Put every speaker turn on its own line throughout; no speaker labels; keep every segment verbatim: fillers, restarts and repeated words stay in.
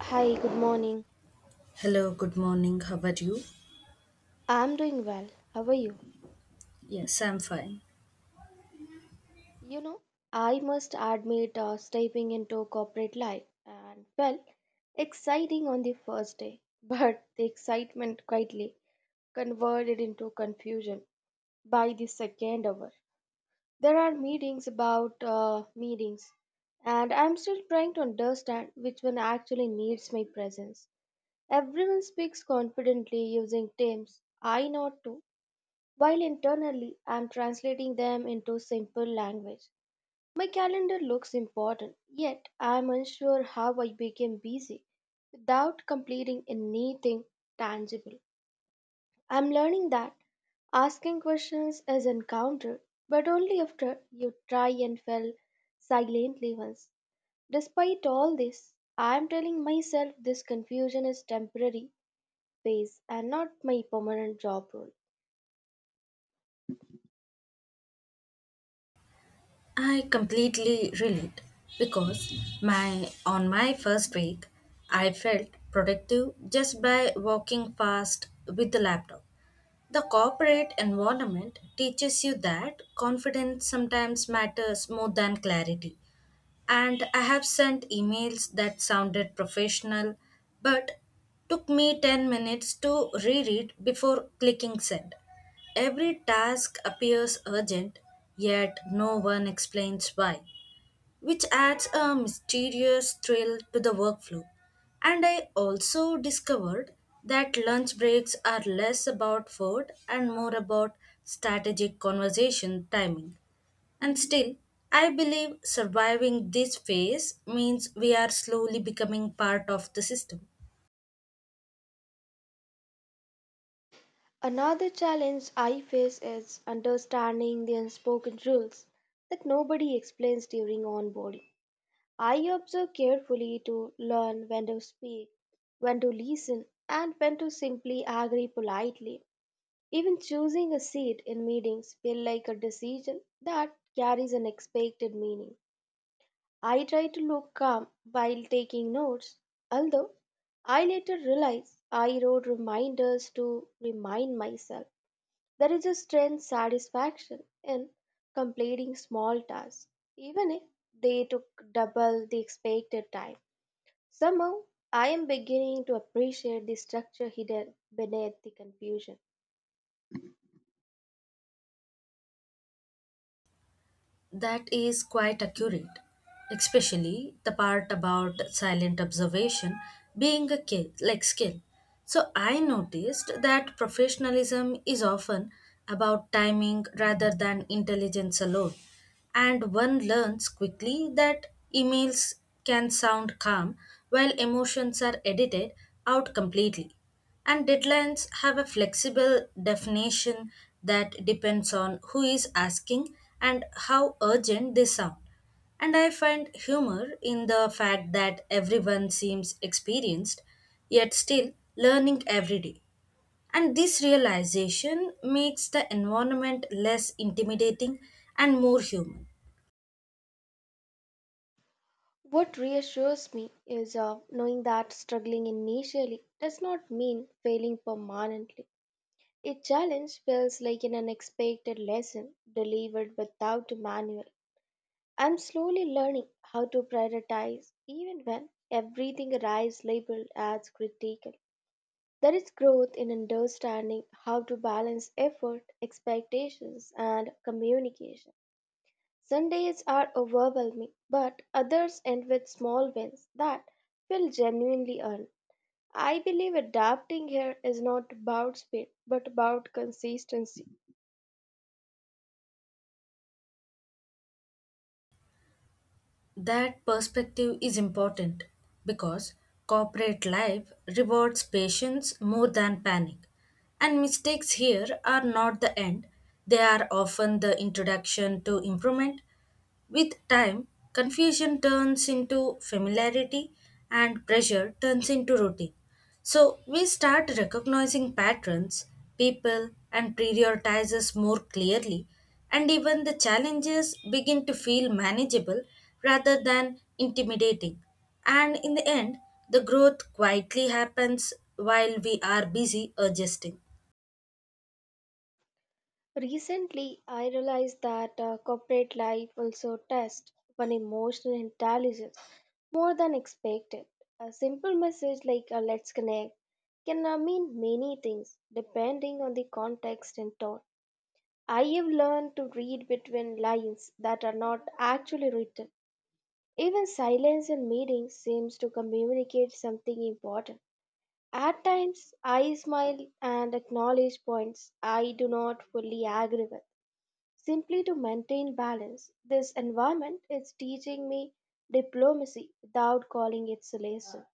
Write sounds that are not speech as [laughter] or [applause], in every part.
Hi, good morning.
Hello, good morning. How about you?
I'm doing well. How are you?
Yes, I'm fine.
You know, I must admit, uh, stepping into corporate life and well, exciting on the first day, [laughs] but the excitement quietly converted into confusion by the second hour. There are meetings about uh, meetings, and I'm still trying to understand which one actually needs my presence. Everyone speaks confidently using terms I know too, while internally I'm translating them into simple language. My calendar looks important, yet I'm unsure how I became busy without completing anything tangible. I'm learning that asking questions is encountered, but only after you try and fail silently once. Despite all this, I am telling myself this confusion is temporary phase and not my permanent job role.
I completely relate because my on my first week I felt productive just by walking fast with the laptop. The corporate environment teaches you that confidence sometimes matters more than clarity. and I have sent emails that sounded professional but took me ten minutes to reread before clicking send. Every task appears urgent, yet no one explains why, which adds a mysterious thrill to the workflow. And I also discovered that lunch breaks are less about food and more about strategic conversation timing. And still, I believe surviving this phase means we are slowly becoming part of the system.
Another challenge I face is understanding the unspoken rules that nobody explains during onboarding. I observe carefully to learn when to speak, when to listen, and when to simply agree politely. Even choosing a seat in meetings feels like a decision that carries an expected meaning. I try to look calm while taking notes, although I later realize I wrote reminders to remind myself there is a strange satisfaction in completing small tasks, even if they took double the expected time. Somehow, I am beginning to appreciate the structure hidden beneath the confusion.
That is quite accurate, especially the part about silent observation being a skill, like skill. So I noticed that professionalism is often about timing rather than intelligence alone. And one learns quickly that emails can sound calm while emotions are edited out completely. And deadlines have a flexible definition that depends on who is asking and how urgent they sound. And I find humor in the fact that everyone seems experienced, yet still learning every day. And this realization makes the environment less intimidating and more human.
What reassures me is uh, knowing that struggling initially does not mean failing permanently. A challenge feels like an unexpected lesson delivered without a manual. I'm slowly learning how to prioritize even when everything arrives labeled as critical. There is growth in understanding how to balance effort, expectations, and communication. Sundays are overwhelming, but others end with small wins that feel genuinely earned. I believe adapting here is not about speed but about consistency.
That perspective is important because corporate life rewards patience more than panic. And mistakes here are not the end, they are often the introduction to improvement. With time, confusion turns into familiarity and pressure turns into routine. So we start recognizing patterns, people, and prioritizes more clearly, and even the challenges begin to feel manageable rather than intimidating. And in the end, the growth quietly happens while we are busy adjusting.
Recently, I realized that uh, corporate life also tests one emotional intelligence more than expected. A simple message like uh, let's connect can uh, mean many things depending on the context and tone. I have learned to read between lines that are not actually written. Even silence in meetings seems to communicate something important. At times, I smile and acknowledge points I do not fully agree with simply to maintain balance. This environment is teaching me diplomacy without calling it a lesson.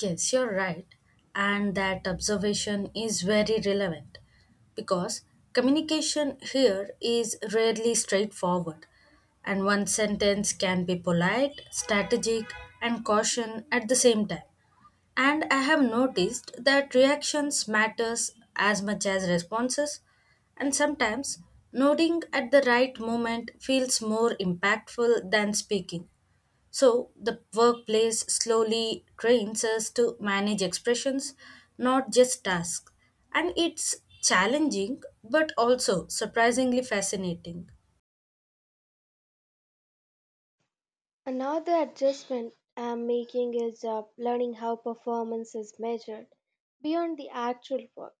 Yes, you're right. And that observation is very relevant because communication here is rarely straightforward. And one sentence can be polite, strategic, and caution at the same time. And I have noticed that reactions matters as much as responses, and sometimes nodding at the right moment feels more impactful than speaking. So the workplace slowly trains us to manage expressions, not just tasks. And it's challenging, but also surprisingly fascinating.
Another adjustment I'm making is uh, learning how performance is measured beyond the actual work.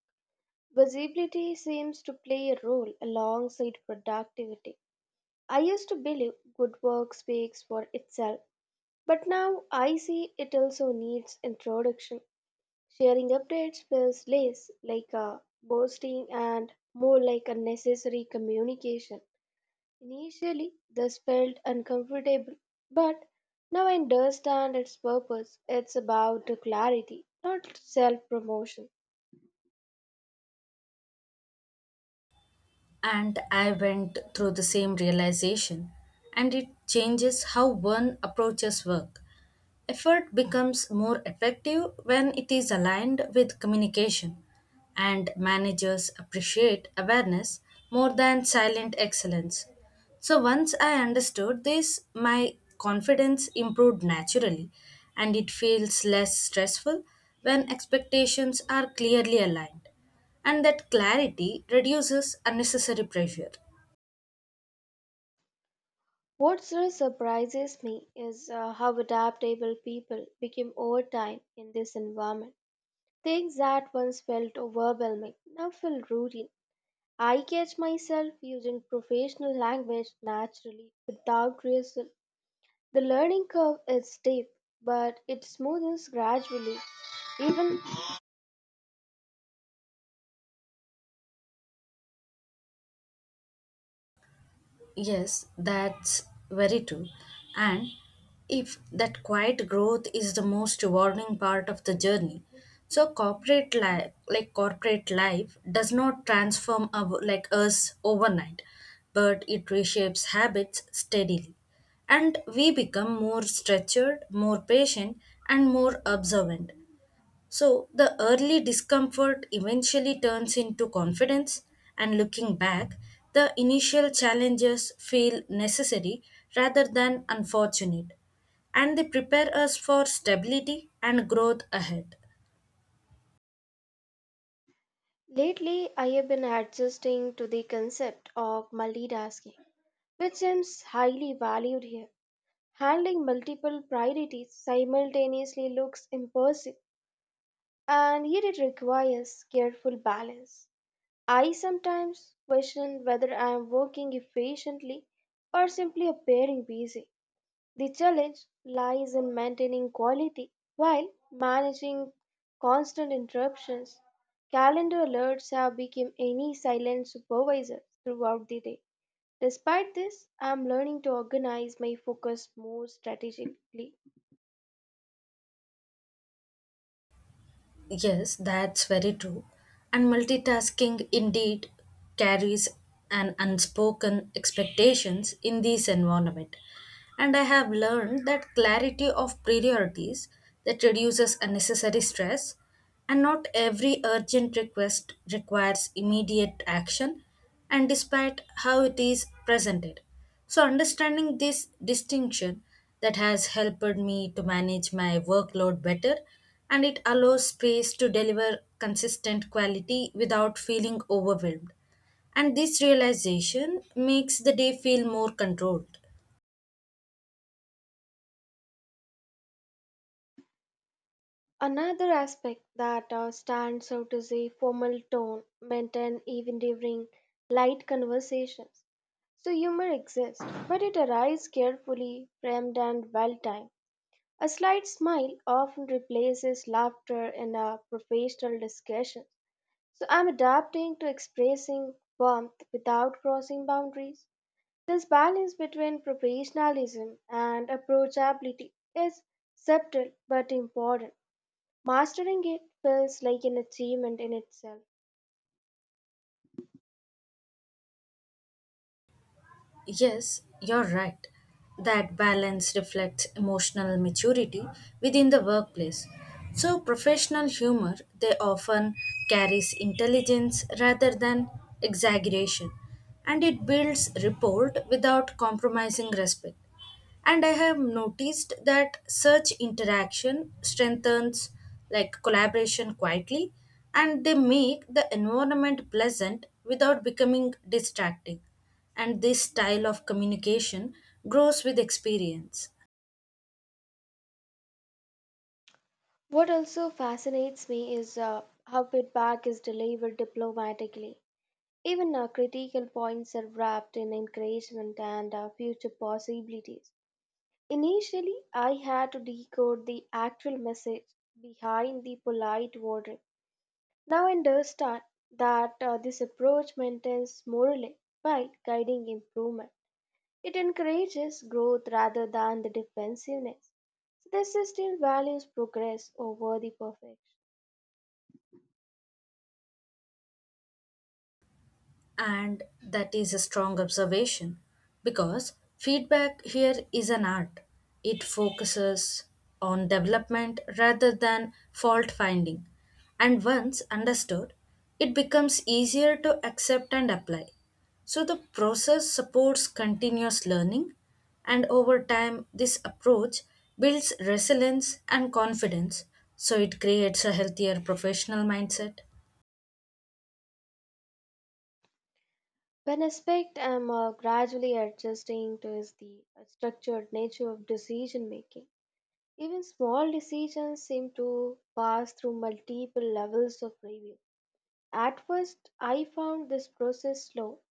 Visibility seems to play a role alongside productivity. I used to believe good work speaks for itself, but now I see it also needs introduction. Sharing updates feels less like a boasting and more like a necessary communication. Initially, this felt uncomfortable, but now I understand its purpose. It's about clarity, not self promotion.
And I went through the same realization, and it changes how one approaches work. Effort becomes more effective when it is aligned with communication, and managers appreciate awareness more than silent excellence. So, once I understood this, my confidence improved naturally, and it feels less stressful when expectations are clearly aligned. And that clarity reduces unnecessary pressure.
What really surprises me is uh, how adaptable people became over time in this environment. Things that once felt overwhelming now feel routine. I catch myself using professional language naturally without rehearsal. The learning curve is steep, but it smoothens gradually. Even
Yes, that's very true. And if that quiet growth is the most rewarding part of the journey, so corporate life, like corporate life, does not transform our, like us overnight, but it reshapes habits steadily, and we become more structured, more patient, and more observant. So the early discomfort eventually turns into confidence, and looking back, the initial challenges feel necessary rather than unfortunate, and they prepare us for stability and growth ahead.
lately, I have been adjusting to the concept of multitasking, which seems highly valued here. Handling multiple priorities simultaneously looks impossible, and yet it requires careful balance. I sometimes question whether I am working efficiently or simply appearing busy. The challenge lies in maintaining quality while managing constant interruptions. Calendar alerts have become any silent supervisor throughout the day. Despite this, I am learning to organize my focus more strategically.
Yes, that's very true. And multitasking indeed carries an unspoken expectations in this environment. And I have learned that clarity of priorities that reduces unnecessary stress and not every urgent request requires immediate action and despite how it is presented. So, understanding this distinction that has helped me to manage my workload better, and it allows space to deliver consistent quality without feeling overwhelmed. And this realization makes the day feel more controlled.
Another aspect that uh, stands out is a formal tone maintained even during light conversations. So humor exists, but it arrives carefully, framed, and well timed. A slight smile often replaces laughter in a professional discussion. So I'm adapting to expressing warmth without crossing boundaries. This balance between professionalism and approachability is subtle but important. Mastering it feels like an achievement in itself.
Yes, you're right. That balance reflects emotional maturity within the workplace. So, professional humor they often carries intelligence rather than exaggeration, and it builds rapport without compromising respect, and i have noticed that such interaction strengthens like collaboration quietly, and they make the environment pleasant without becoming distracting, and this style of communication grows with experience.
What also fascinates me is uh, how feedback is delivered diplomatically. Even our critical points are wrapped in encouragement and our future possibilities. Initially, I had to decode the actual message behind the polite wording. Now I understand that uh, this approach maintains morally by guiding improvement. It encourages growth rather than the defensiveness. So the system values progress over the perfection.
And that is a strong observation because feedback here is an art. It focuses on development rather than fault finding. And once understood, it becomes easier to accept and apply. So the process supports continuous learning, and over time, this approach builds resilience and confidence. So it creates a healthier professional mindset.
One aspect I'm uh, gradually adjusting to is the uh, structured nature of decision making. Even small decisions seem to pass through multiple levels of review. At first, I found this process slow,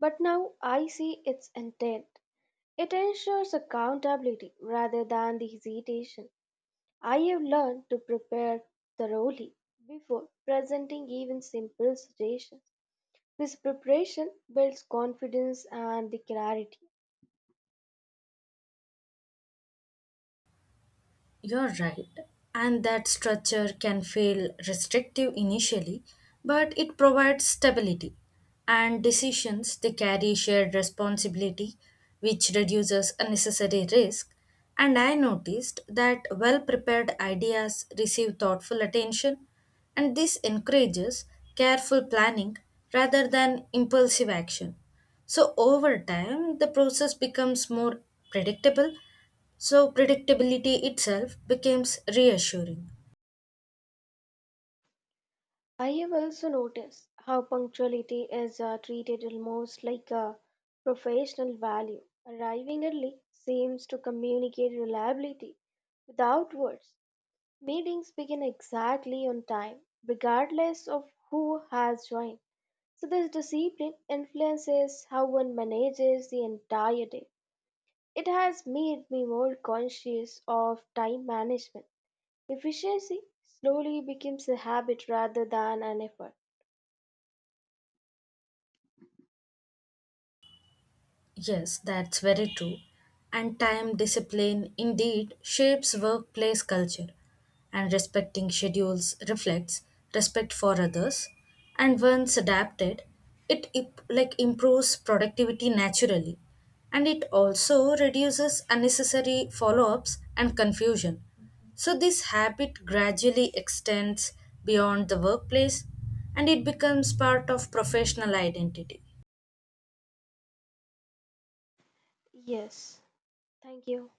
but now I see its intent. It ensures accountability rather than the hesitation. I have learned to prepare thoroughly before presenting even simple suggestions. This preparation builds confidence and the clarity.
You're right, and that structure can feel restrictive initially, but it provides stability, and decisions they carry shared responsibility, which reduces unnecessary risk. And I noticed that well prepared ideas receive thoughtful attention, and this encourages careful planning rather than impulsive action. So over time, the process becomes more predictable, so predictability itself becomes reassuring.
I have also noticed how punctuality is uh, treated almost like a professional value. Arriving early seems to communicate reliability without words. Meetings begin exactly on time, regardless of who has joined. So, this discipline influences how one manages the entire day. It has made me more conscious of time management. Efficiency slowly becomes a habit rather than an effort.
Yes, that's very true. And time discipline indeed shapes workplace culture. And respecting schedules reflects respect for others. And once adapted, it imp- like improves productivity naturally. And it also reduces unnecessary follow-ups and confusion. So this habit gradually extends beyond the workplace, and it becomes part of professional identity.
Yes, thank you.